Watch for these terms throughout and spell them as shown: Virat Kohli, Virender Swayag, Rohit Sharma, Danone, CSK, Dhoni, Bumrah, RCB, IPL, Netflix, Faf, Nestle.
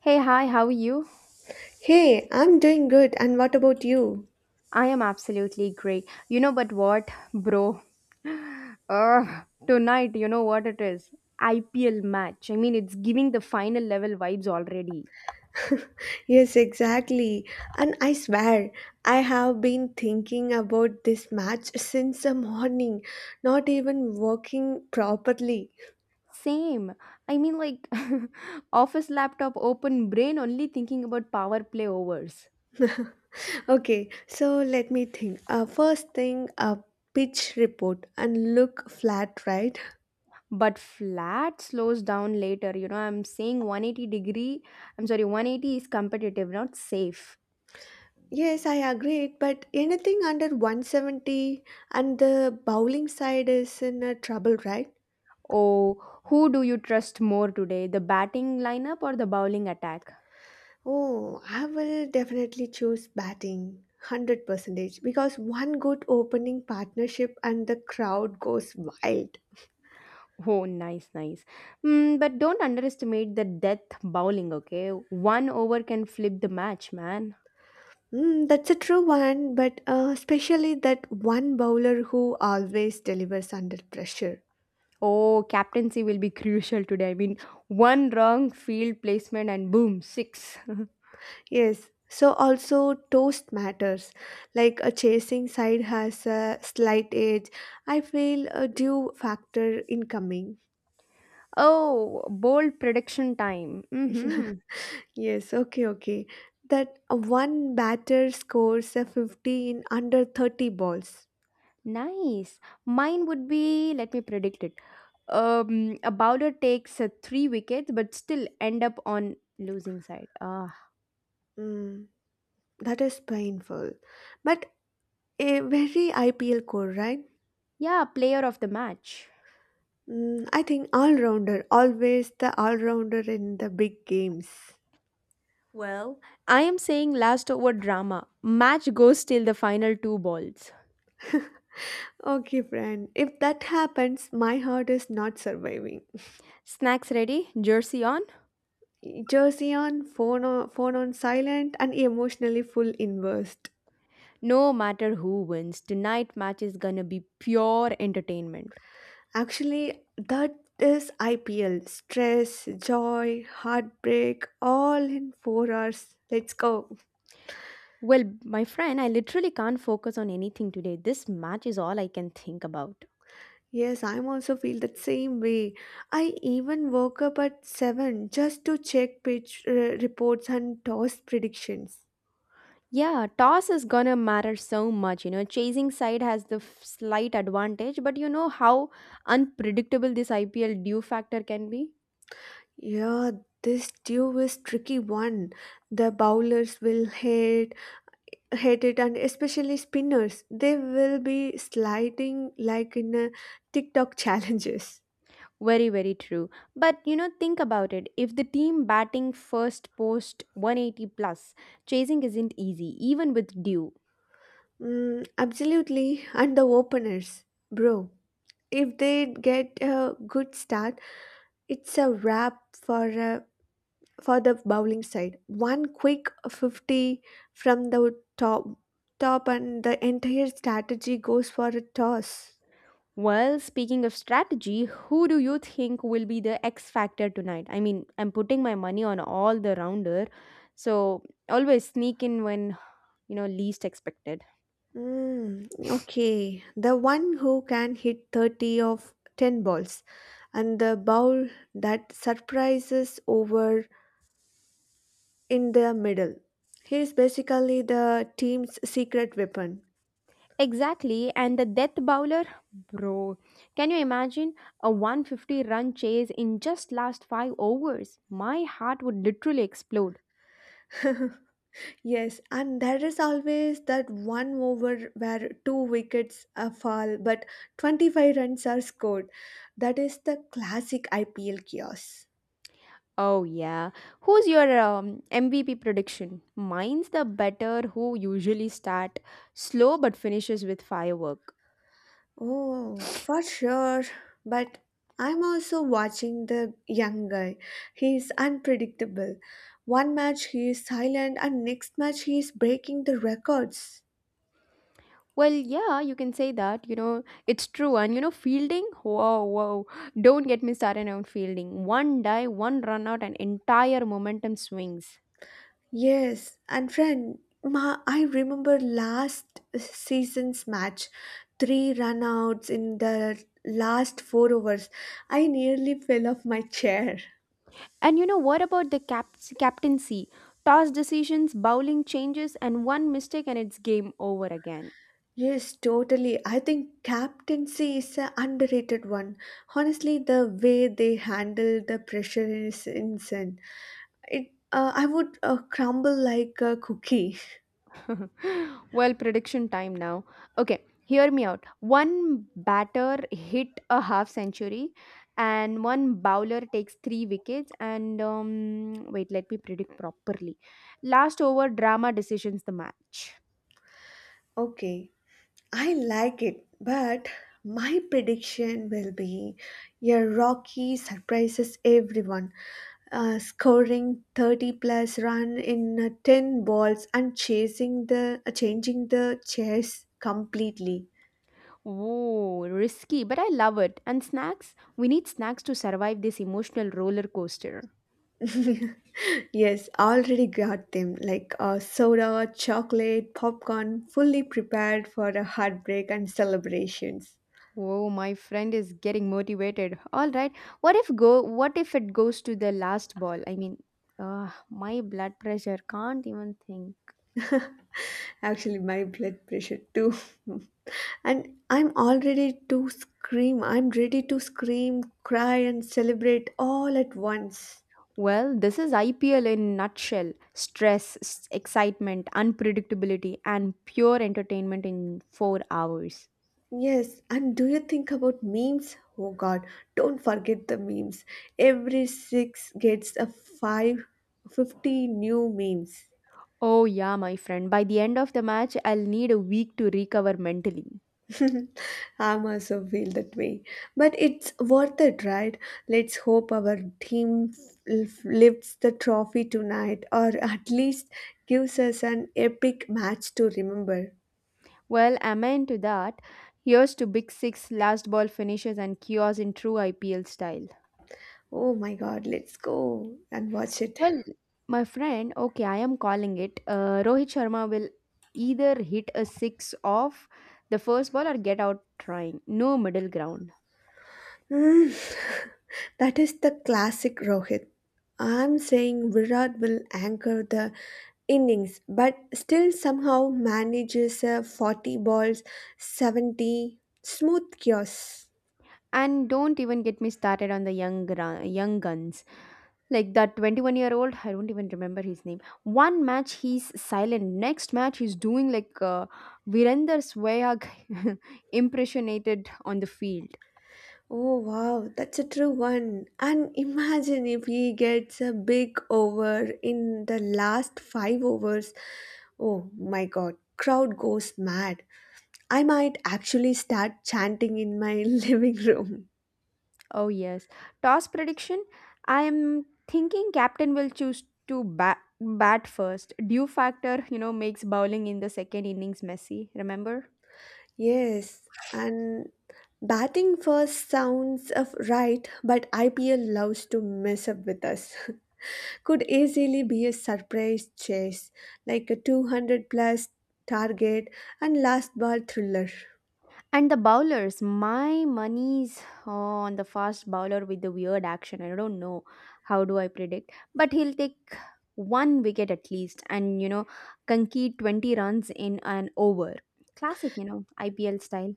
Hey, hi, how are you? Hey, I'm doing good, and what about you? I am absolutely great. You know, but what, bro? Tonight, you know what it is? IPL match. I mean, it's giving the final level vibes already. Yes, exactly. And I swear, I have been thinking about this match since the morning, not even working properly. Same. I mean, like, office laptop, open brain, only thinking about power play overs. Okay, so let me think. First thing, a pitch report and look flat, right? But flat slows down later. You know, I'm saying 180 degree, I'm sorry, 180 is competitive, not safe. Yes, I agree, but anything under 170 and the bowling side is in a trouble, right? Oh, who do you trust more today, the batting lineup or the bowling attack? Oh, I will definitely choose batting 100% because one good opening partnership and the crowd goes wild. Oh, nice, nice. But don't underestimate the death bowling, okay? One over can flip the match, man. Mm, that's a true one, but especially that one bowler who always delivers under pressure. Oh, captaincy will be crucial today. I mean, one wrong field placement and boom, six. Yes, so also toast matters. Like a chasing side has a slight edge, I feel a due factor incoming. Oh, bold prediction time. Mm-hmm. Yes, okay. That one batter scores a 50 in under 30 balls. Nice. Mine would be, let me predict it. A bowler takes three wickets but still end up on losing side. Ah, Mm, that is painful. But a very IPL core, right? yeah, player of the match. Mm, I think all rounder, always the all rounder in the big games. Well, I am saying last over drama. Match goes till the final two balls. Okay, friend. If that happens, my heart is not surviving. Snacks ready, jersey on. Jersey on, phone on silent, and emotionally full inverse. No matter who wins, tonight match is gonna be pure entertainment. Actually, that is IPL. Stress, joy, heartbreak, all in 4 hours. Let's go. Well, my friend, I literally can't focus on anything today. This match is all I can think about. Yes, I'm also feel that same way. I even woke up at 7 just to check pitch reports and toss predictions. Yeah, toss is gonna matter so much. You know, chasing side has the slight advantage, but you know how unpredictable this IPL due factor can be? Yeah, this due is tricky one. The bowlers will hate it and especially spinners. They will be sliding like in a TikTok challenges. Very, very true. But you know, think about it. If the team batting first post 180 plus, chasing isn't easy, even with due. Mm, absolutely, and the openers, bro. If they get a good start, it's a wrap for for the bowling side. One quick 50 from the top, and the entire strategy goes for a toss. Well, speaking of strategy, who do you think will be the X factor tonight? I mean, I'm putting my money on all the rounder, so always sneak in when you know least expected. Mm, okay, the one who can hit 30 of ten balls, and the bowl that surprises over in the middle. He is basically the team's secret weapon. Exactly, and the death bowler, bro. Can you imagine a 150 run chase in just last 5 overs? My heart would literally explode. Yes, and there is always that one over where two wickets fall, but 25 runs are scored. That is the classic IPL chaos. Oh yeah. Who's your MVP prediction? Mine's the better who usually start slow but finishes with firework. Oh, for sure. But I'm also watching the young guy. He's unpredictable. One match he is silent, and next match he is breaking the records. Well, yeah, you can say that. You know, it's true. And you know, fielding? Whoa, whoa. Don't get me started on fielding. One die, one run out, and entire momentum swings. Yes, and friend, ma, I remember last season's match, three runouts in the last four overs. I nearly fell off my chair. And you know what about the captaincy? Toss decisions, bowling changes, and one mistake, and it's game over again. Yes, totally. I think captaincy is an underrated one. Honestly, the way they handle the pressure is insane. I would crumble like a cookie. Well, prediction time now. Okay, hear me out. One batter hit a half century, and one bowler takes three wickets. And wait, let me predict properly. Last over, drama decisions the match. Okay. I like it, but my prediction will be your Rocky surprises everyone, scoring 30 plus run in 10 balls and chasing the changing the chess completely. Oh, risky, but I love it. And snacks? We need snacks to survive this emotional roller coaster. Yes, already got them like soda, chocolate, popcorn, fully prepared for a heartbreak and celebrations. Whoa, my friend is getting motivated. All right. What if it goes to the last ball? I mean, my blood pressure can't even think. Actually, my blood pressure too. and I'm already to scream. I'm ready to scream, cry, and celebrate all at once. Well, this is IPL in nutshell. Stress, excitement, unpredictability and pure entertainment in 4 hours. Yes, and do you think about memes? Oh god, don't forget the memes. Every six gets a five, 50 new memes. Oh yeah, my friend. By the end of the match, I'll need a week to recover mentally. I'm also feel that way, but it's worth it, right? Let's hope our team lifts the trophy tonight, or at least gives us an epic match to remember. Well, amen to that. Here's to Big Six last ball finishes and chaos in true IPL style. Oh my God, let's go and watch it. Well, my friend, okay, I am calling it. Rohit Sharma will either hit a six off the first ball or get out trying. No middle ground. Mm, that is the classic Rohit. I'm saying Virat will anchor the innings, but still somehow manages a 40 balls, 70 smooth chaos. And don't even get me started on the young young guns. Like that 21-year-old, I don't even remember his name. One match he's silent, next match he's doing like Virender Swayag impersonated on the field. Oh wow, that's a true one. And imagine if he gets a big over in the last five overs. Oh my god, crowd goes mad. I might actually start chanting in my living room. Oh yes, toss prediction. I am thinking captain will choose to bat first. Due factor, you know, makes bowling in the second innings messy. Remember? Yes, and batting first sounds of right, but IPL loves to mess up with us. Could easily be a surprise chase, like a 200 plus target and last ball thriller. And the bowlers, my money's on the fast bowler with the weird action. I don't know how do I predict, but he'll take one wicket at least, and you know, concede 20 runs in an over. Classic, you know, IPL style.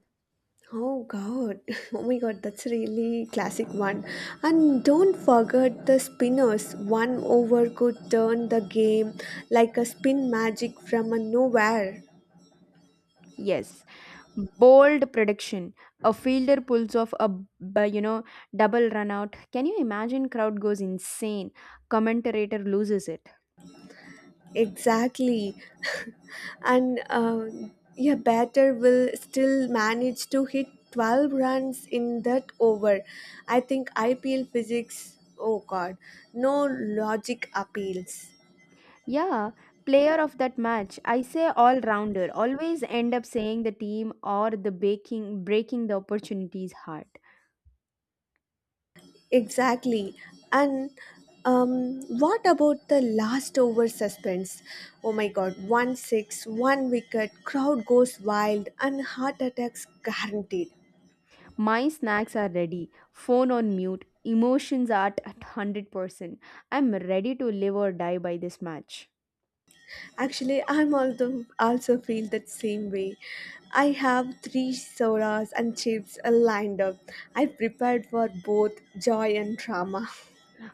Oh god. Oh my god, that's really classic one. And don't forget the spinners. One over could turn the game like a spin magic from a nowhere. Yes. Bold prediction. A fielder pulls off a you know double run out. Can you imagine? Crowd goes insane. Commentator loses it. Exactly. and uh, yeah, batter will still manage to hit 12 runs in that over. I think IPL physics, oh god, no logic appeals. Yeah, player of that match. I say all rounder. Always end up saying the team or the baking breaking the opportunities hard. Exactly. And what about the last over suspense? Oh my god, 1 six, one wicket, crowd goes wild, and heart attacks guaranteed. My snacks are ready. Phone on mute. Emotions are at 100%. I'm ready to live or die by this match. Actually, I'm also feel that same way. I have three sodas and chips lined up. I prepared for both joy and drama.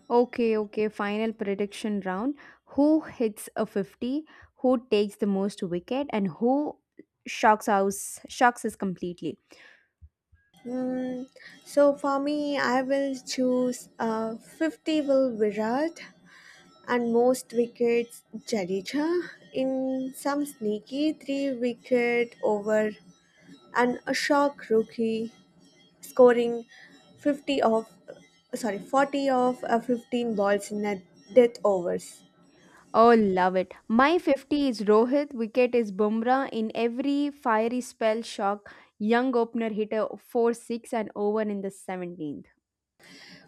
Okay, okay, final prediction round. Who hits a 50, who takes the most wicket and who shocks us completely. Hmm. So for me, I will choose 50 will Virat and most wickets Jadeja in some sneaky three wicket over and a shock rookie scoring 50 of sorry 40 of 15 balls in a death overs. Oh, love it. My 50 is Rohit, wicket is Bumrah in every fiery spell shock. Young opener hit a 4-6 and over in the 17th.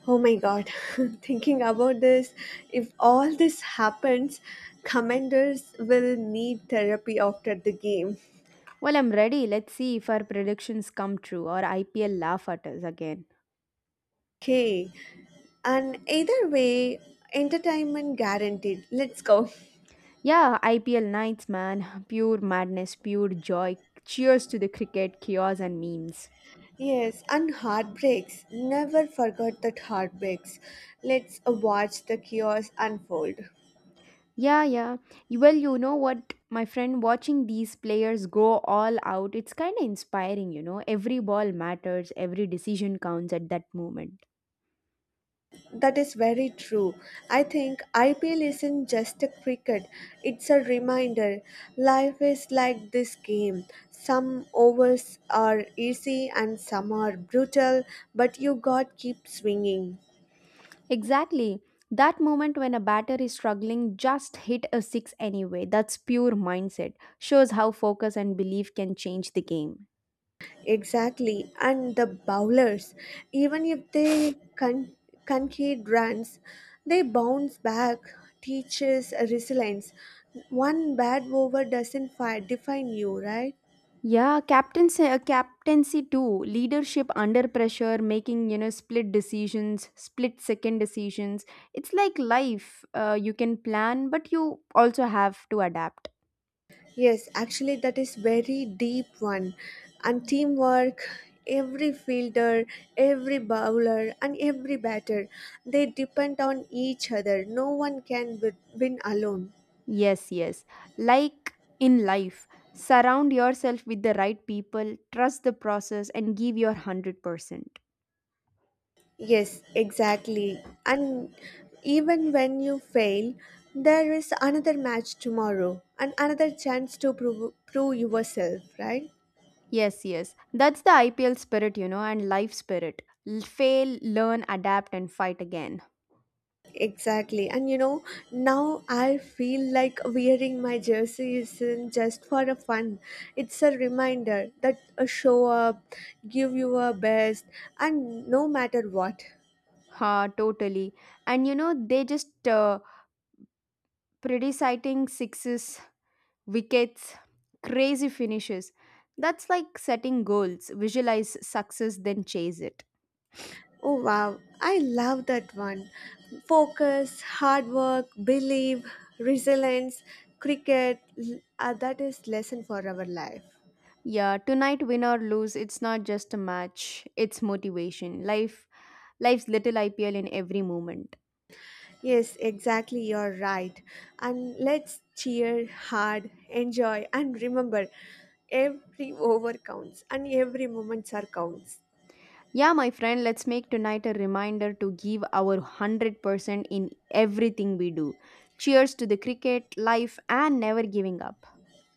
Oh my god. Thinking about this, if all this happens, commanders will need therapy after the game. Well, I'm ready. Let's see if our predictions come true or IPL laugh at us again. Okay, and either way entertainment guaranteed, let's go. Yeah, IPL nights, man. Pure madness, pure joy. Cheers to the cricket, chaos, and memes. Yes, and heartbreaks. Never forget that heartbreaks. Let's watch the chaos unfold. Yeah, yeah. Well, you know what, my friend, watching these players go all out, it's kind of inspiring, you know. Every ball matters, every decision counts at that moment. That is very true. I think IPL isn't just a cricket, it's a reminder. Life is like this game. Some overs are easy and some are brutal, but you got keep swinging. Exactly. That moment when a batter is struggling, just hit a six anyway. That's pure mindset. Shows how focus and belief can change the game. Exactly, and the bowlers, even if they concede runs, they bounce back, teaches resilience. One bad over doesn't define you, right? Yeah, captaincy too. Leadership under pressure, making you know split second decisions. It's like life. You can plan, but you also have to adapt. Yes, actually, that is very deep one, and teamwork. Every fielder, every bowler, and every batter, they depend on each other. No one can win alone. Yes, yes. Like in life, surround yourself with the right people, trust the process, and give your 100%. Yes, exactly. And even when you fail, there is another match tomorrow and another chance to prove yourself, right? Yes, yes. That's the IPL spirit, you know, and life spirit. Fail, learn, adapt, and fight again. Exactly. And you know, now I feel like wearing my jersey isn't just for a fun. It's a reminder that a show up, give you your best, and no matter what. Ha, totally. And you know, they just predeciting sixes, wickets, crazy finishes. That's like setting goals. Visualize success, then chase it. Oh wow, I love that one. Focus, hard work, believe, resilience, cricket, that is lesson for our life. Yeah, tonight win or lose, it's not just a match, it's motivation. Life's little IPL in every moment. Yes, exactly, you're right. And let's cheer hard, enjoy, and remember every over counts and every moment are counts. Yeah, my friend, let's make tonight a reminder to give our 100% in everything we do. Cheers to the cricket, life, and never giving up.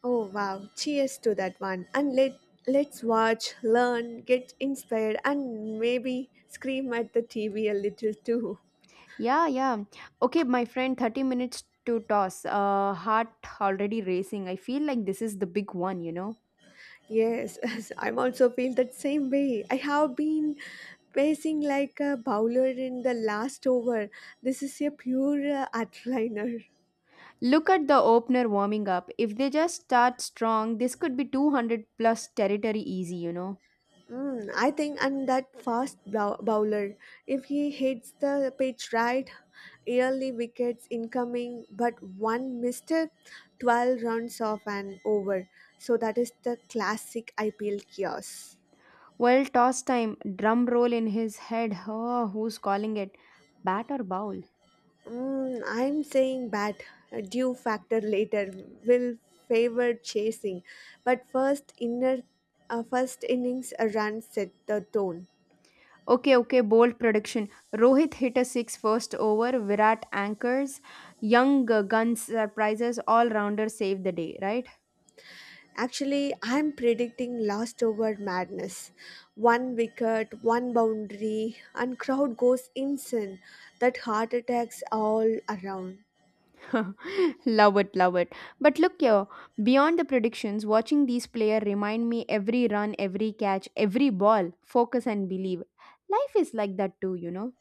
Oh wow, cheers to that one. And let's watch, learn, get inspired and maybe scream at the TV a little too. Yeah, yeah. Okay, my friend, 30 minutes to toss. Heart already racing. I feel like this is the big one, you know. Yes, I'm also feel that same way. I have been pacing like a bowler in the last over. This is a pure adrenaliner. Look at the opener warming up. If they just start strong, this could be 200 plus territory easy, you know. Mm, I think, and that fast bowler, if he hits the pitch right, early wickets incoming, but one mistake, 12 runs off an over. So that is the classic IPL chaos. Well, toss time. Drum roll in his head. Oh, who's calling it? Bat or bowl? Mm, I'm saying that a due factor later will favor chasing, but first innings a run set the tone. Okay, okay, bold prediction. Rohit hit a six first over. Virat anchors. Young guns surprises. All rounders save the day, right? Actually, I'm predicting last over madness. One wicket, one boundary, and crowd goes insane. That heart attacks all around. Love it, love it. But look here, beyond the predictions, watching these players remind me every run, every catch, every ball, focus and believe. Life is like that too, you know.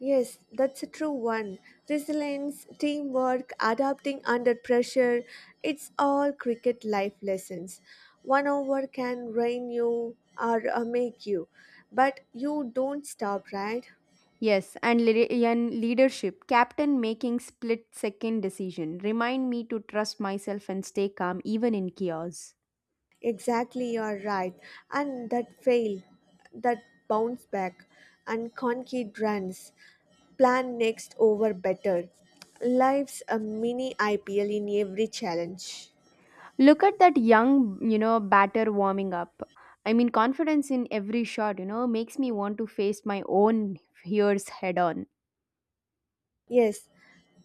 Yes, that's a true one. Resilience, teamwork, adapting under pressure, it's all cricket life lessons. One over can rain you or make you, but you don't stop, right? Yes, and leadership, captain making split second decision, remind me to trust myself and stay calm even in chaos. Exactly, you're right. And that fail, that bounce back, and concrete runs. Plan next over better. Life's a mini IPL in every challenge. Look at that young, you know, batter warming up. I mean, confidence in every shot, you know, makes me want to face my own fears head on. Yes,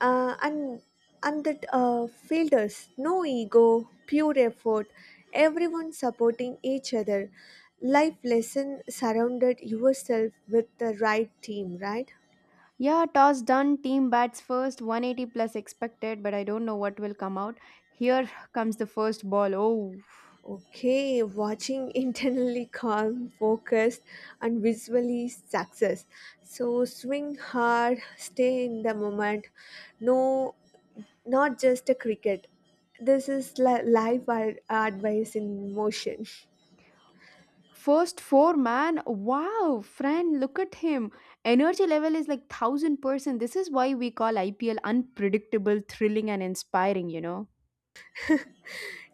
uh, and and that filters no ego, pure effort, everyone supporting each other. Life lesson surrounded yourself with the right team, right? Yeah, toss done. Team bats first. 180 plus expected, but I don't know what will come out. Here comes the first ball. Oh, Okay, watching internally calm, focused, and visually success. So swing hard, stay in the moment. No, not just a cricket. This is life advice in motion. first four, man. Wow, friend, look at him. Energy level is like 1000%. This is why we call IPL unpredictable, thrilling, and inspiring, you know.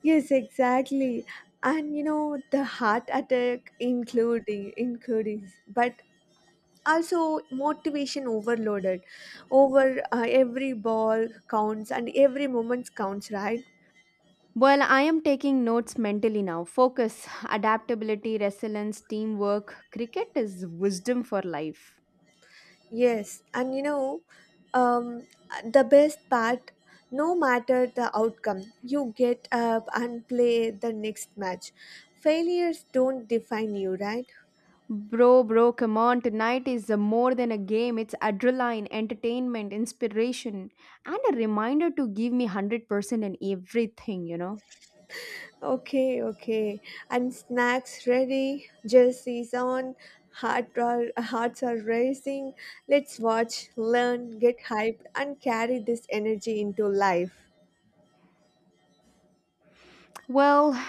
Yes, exactly. And you know, the heart attack including but also motivation overloaded over every ball counts and every moment counts, right? Well, I am taking notes mentally now. Focus, adaptability, resilience, teamwork. Cricket is wisdom for life. Yes. And you know, um the best part, no matter the outcome, you get up and play the next match. Failures don't define you, right? Bro, come on. Tonight is more than a game. It's adrenaline, entertainment, inspiration, and a reminder to give me 100% in everything, you know. Okay, okay. And snacks ready, jerseys on, hearts are racing. Let's watch, learn, get hyped, and carry this energy into life. Well,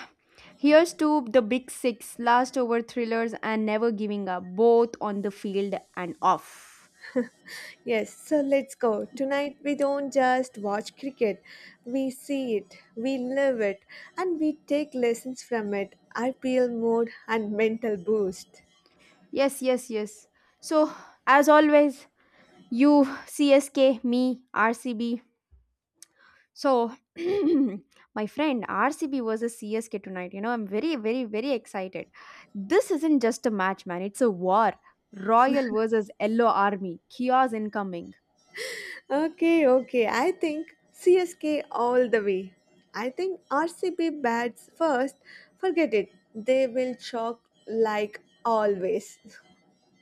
here's to the big six last over thrillers and never giving up, both on the field and off. Yes, so let's go. Tonight we don't just watch cricket, we see it, we live it, and we take lessons from it. IPL mode and mental boost. Yes, yes, yes. So, as always, you, CSK, me, RCB, so, my friend, RCB versus CSK tonight. You know, I'm very, very, very excited. This isn't just a match, man. It's a war. Royal versus Yellow Army. Chaos incoming. Okay, okay. I think CSK all the way. I think RCB bats first. Forget it. They will chalk like always.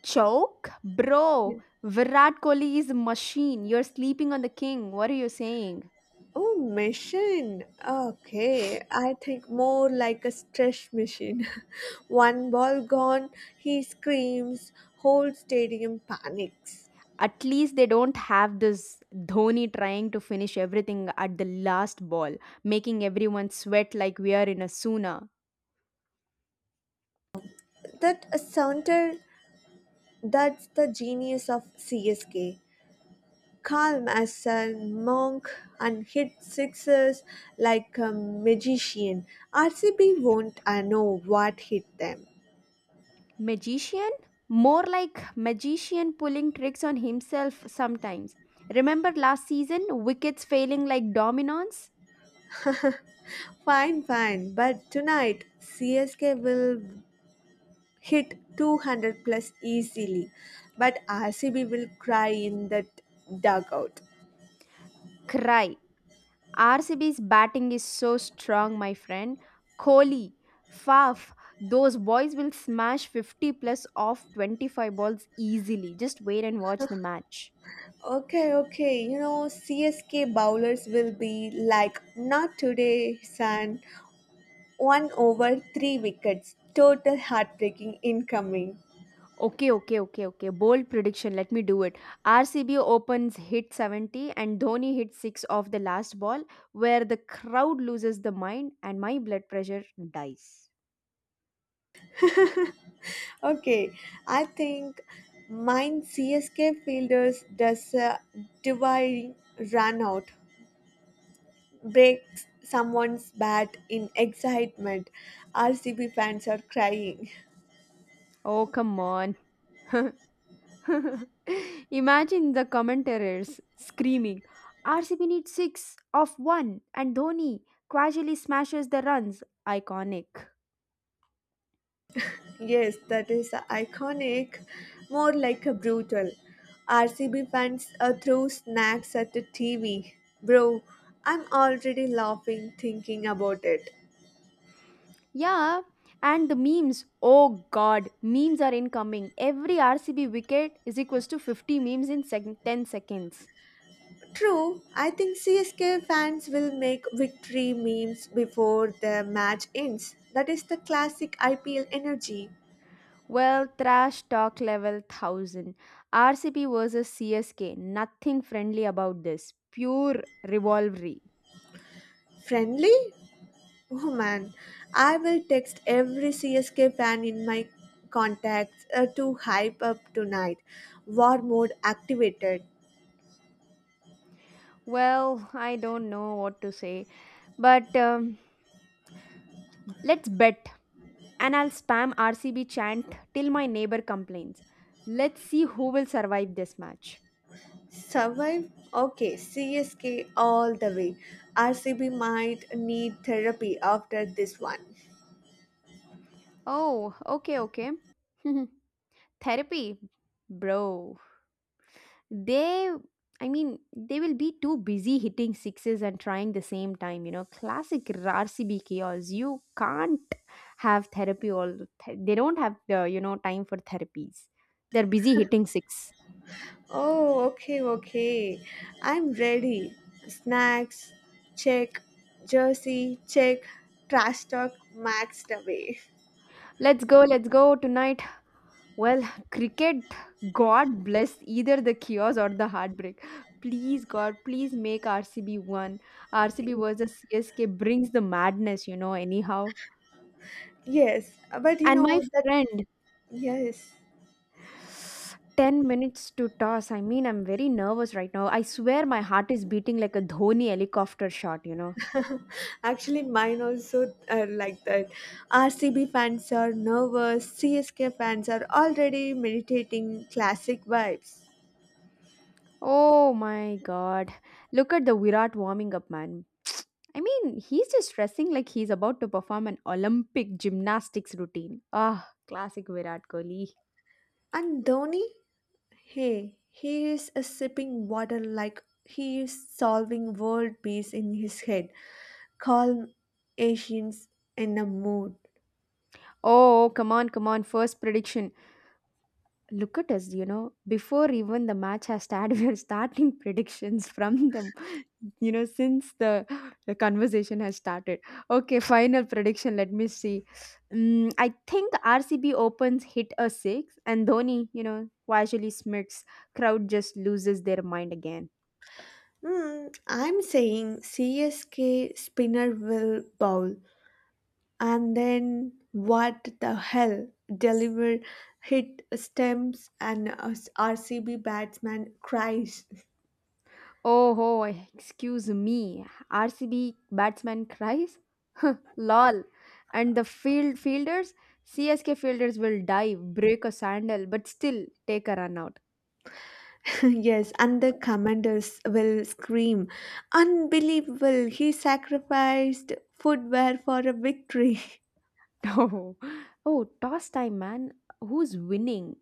Choke? Yeah. Bro, Virat Kohli is a machine. You're sleeping on the king. What are you saying? Oh, machine. Okay. I think more like a stretch machine. One ball gone, he screams, whole stadium panics. At least they don't have this Dhoni trying to finish everything at the last ball, making everyone sweat like we are in a sauna. That a sounder, that's the genius of CSK. Calm as a monk and hit sixes like a magician. RCB won't I know what hit them. Magician? More like magician pulling tricks on himself sometimes. Remember last season, wickets failing like dominoes? Fine, but tonight CSK will hit 200 plus easily, but RCB will cry in that dugout. Cry. RCB's batting is so strong, my friend. Kohli, Faf, those boys will smash 50 plus off 25 balls easily. Just wait and watch the match. Okay, okay, you know, CSK bowlers will be like, not today, son. One over, three wickets. Total heartbreaking incoming. Okay, okay, okay, okay. Bold prediction. Let me do it. RCB opens hit 70 and Dhoni hits 6 off the last ball, where the crowd loses the mind and my blood pressure dies. Okay, I think mine CSK fielders does a divine run out, breaks someone's bat in excitement. RCB fans are crying. Oh, come on. Imagine the commentators screaming RCB needs 6 off 1 and Dhoni casually smashes the runs. Iconic. Yes, that is iconic, more like a brutal. RCB fans throw snacks at the TV. Bro, I'm already laughing thinking about it. Yeah, and the memes. Oh god, memes are incoming. Every RCB wicket is equals to 50 memes in 10 seconds. True, I think CSK fans will make victory memes before the match ends. That is the classic IPL energy. Well, trash talk level 1000. RCB versus CSK. Nothing friendly about this. Pure rivalry. Friendly? Oh man, I will text every CSK fan in my contacts to hype up tonight. War mode activated. Well, I don't know what to say, but let's bet. And I'll spam RCB chant till my neighbor complains. Let's see who will survive this match. Survive? Okay, CSK all the way. RCB might need therapy after this one. Oh, okay, okay. Therapy, bro. They, I mean, they will be too busy hitting sixes and trying the same time. You know, classic RCB chaos. You can't have therapy all. The th- they don't have the time for therapies. They're busy hitting six. Oh, okay, okay. I'm ready. Snacks, check. Jersey, check. Trash talk, maxed away. Let's go. Let's go tonight. Well, cricket, God bless either the chaos or the heartbreak. Please, God, please make RCB one. RCB versus CSK brings the madness, you know, anyhow. Yes, but you And my know that, friend, yes. 10 minutes to toss. I mean, I'm very nervous right now. I swear my heart is beating like a Dhoni helicopter shot, Actually, mine also are like that. RCB fans are nervous, CSK fans are already meditating classic vibes. Oh my god. Look at the Virat warming up, man. I mean, he's just dressing like he's about to perform an Olympic gymnastics routine. Ah, classic Virat Kohli. And Dhoni, hey, he is a sipping water like he is solving world peace in his head. Calm Asians in a mood. Oh, come on, come on. First prediction. Look at us, you know. Before even the match has started, we're starting predictions from the you know since the conversation has started. Okay, final prediction, let me see. I think RCB opens, hit a six, and Dhoni, you know, casually smirks. Crowd just loses their mind again. Hmm, I'm saying CSK spinner will bowl and then what the hell deliver hit stumps, and RCB batsman cries. Oh ho, excuse me, RCB batsman cries, lol. And the fielders, CSK fielders will dive, break a sandal, but still take a run out. Yes, and the commanders will scream. Unbelievable, he sacrificed footwear for a victory. Oh, oh, toss time, man. Who's winning?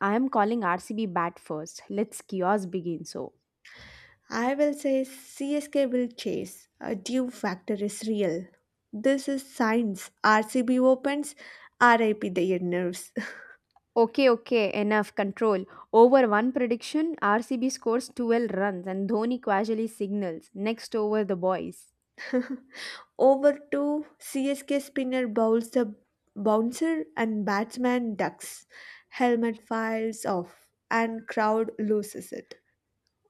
I am calling RCB bat first. Let's chaos begin so. I will say CSK will chase. A due factor is real. This is science. RCB opens, RIP their nerves. Okay, okay, enough control. Over one prediction, RCB scores 12 runs and Dhoni casually signals next over the boys. Over to CSK spinner bowls the bouncer and batsman ducks. Helmet files off and crowd loses it.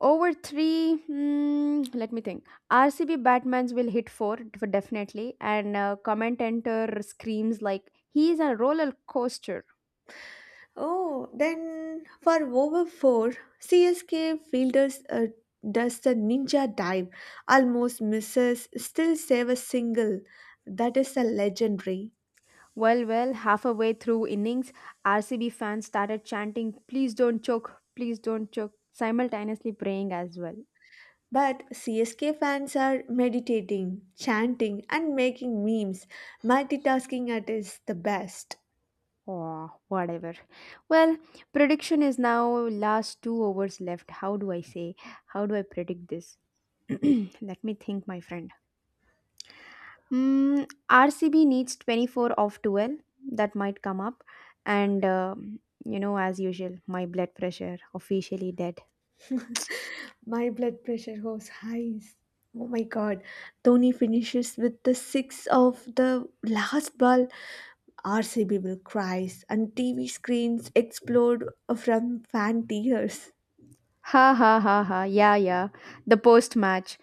Over three, let me think. RCB Batmans will hit four for definitely, and commentator screams like he is a roller coaster. Oh, then for over four, CSK fielders does the ninja dive, almost misses, still save a single. That is a legendary. Well, well, halfway through innings, RCB fans started chanting, please don't choke," simultaneously praying as well. But CSK fans are meditating, chanting, and making memes. Multitasking at is the best. Oh, whatever. Well, prediction is now last two hours left. How do I say? How do I predict this? Let me think, my friend. RCB needs 24 of 12. That might come up. And, you know, as usual, my blood pressure officially dead. My blood pressure goes highs. Oh my god. Tony finishes with the six of the last ball. RCB will cries and TV screens explode from fan tears. Ha ha ha ha. Yeah, yeah. The post match.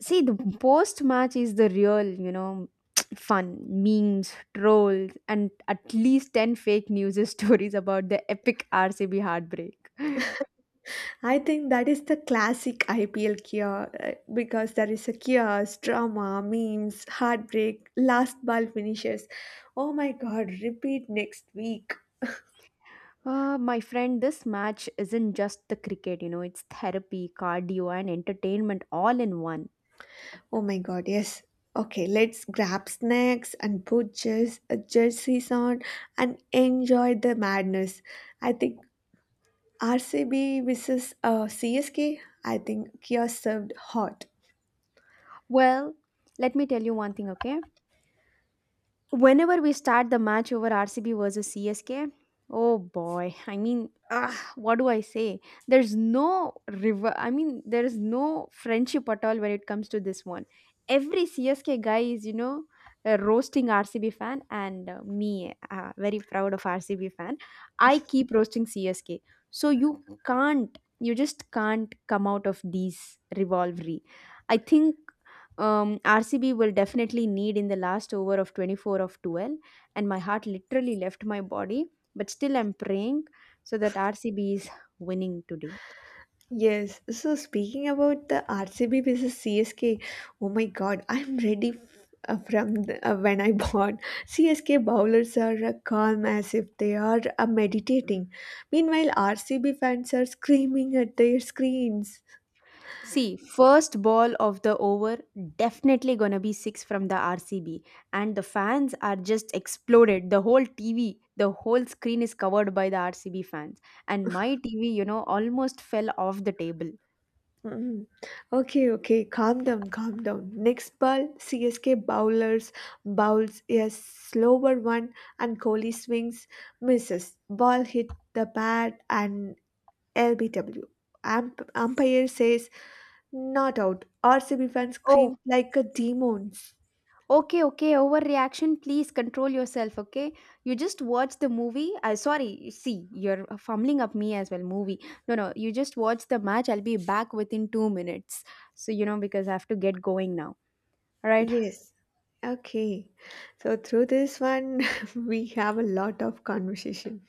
See, the post match is the real, you know, fun memes, trolls, and at least 10 fake news stories about the epic RCB heartbreak. I think that is the classic IPL cure because there is a chaos, drama, memes, heartbreak, last ball finishes. Oh my god, repeat next week. My friend, this match isn't just the cricket, you know, it's therapy, cardio, and entertainment all in one. Oh my god, yes. Okay, let's grab snacks and put just jerseys on and enjoy the madness. I think RCB versus CSK, I think Kia served hot. Well, let me tell you one thing, okay? Whenever we start the match over RCB versus CSK, oh boy, I mean, ah, what do I say? There's no river. I mean, there is no friendship at all when it comes to this one. Every CSK guy is, you know, a roasting RCB fan, and very proud of RCB fan. I keep roasting CSK. So you just can't come out of these rivalry. I think RCB will definitely need in the last over of 24 of 12, and my heart literally left my body. But still, I'm praying so that RCB is winning today. Yes, so speaking about the RCB versus CSK, oh my god, from the, when I bought. CSK bowlers are calm as if they are meditating. Meanwhile, RCB fans are screaming at their screens. See, first ball of the over definitely gonna be six from the RCB, and the fans are just exploded. The whole TV, the whole screen is covered by the RCB fans, and my TV, you know, almost fell off the table. Mm. Okay, calm down. Next ball, CSK bowlers bowls a slower one, and Kohli swings, misses. Ball hit the pad and LBW. Umpire says not out. RCB fans Oh, scream like a demons. okay, okay, overreaction. Please control yourself, okay? You just watch the movie. Sorry, see, you're fumbling up me as well. Movie. No, no, you just watch the match. I'll be back within two minutes. So, you know, because I have to get going now. All right. Yes. Okay. So through this one, we have a lot of conversation.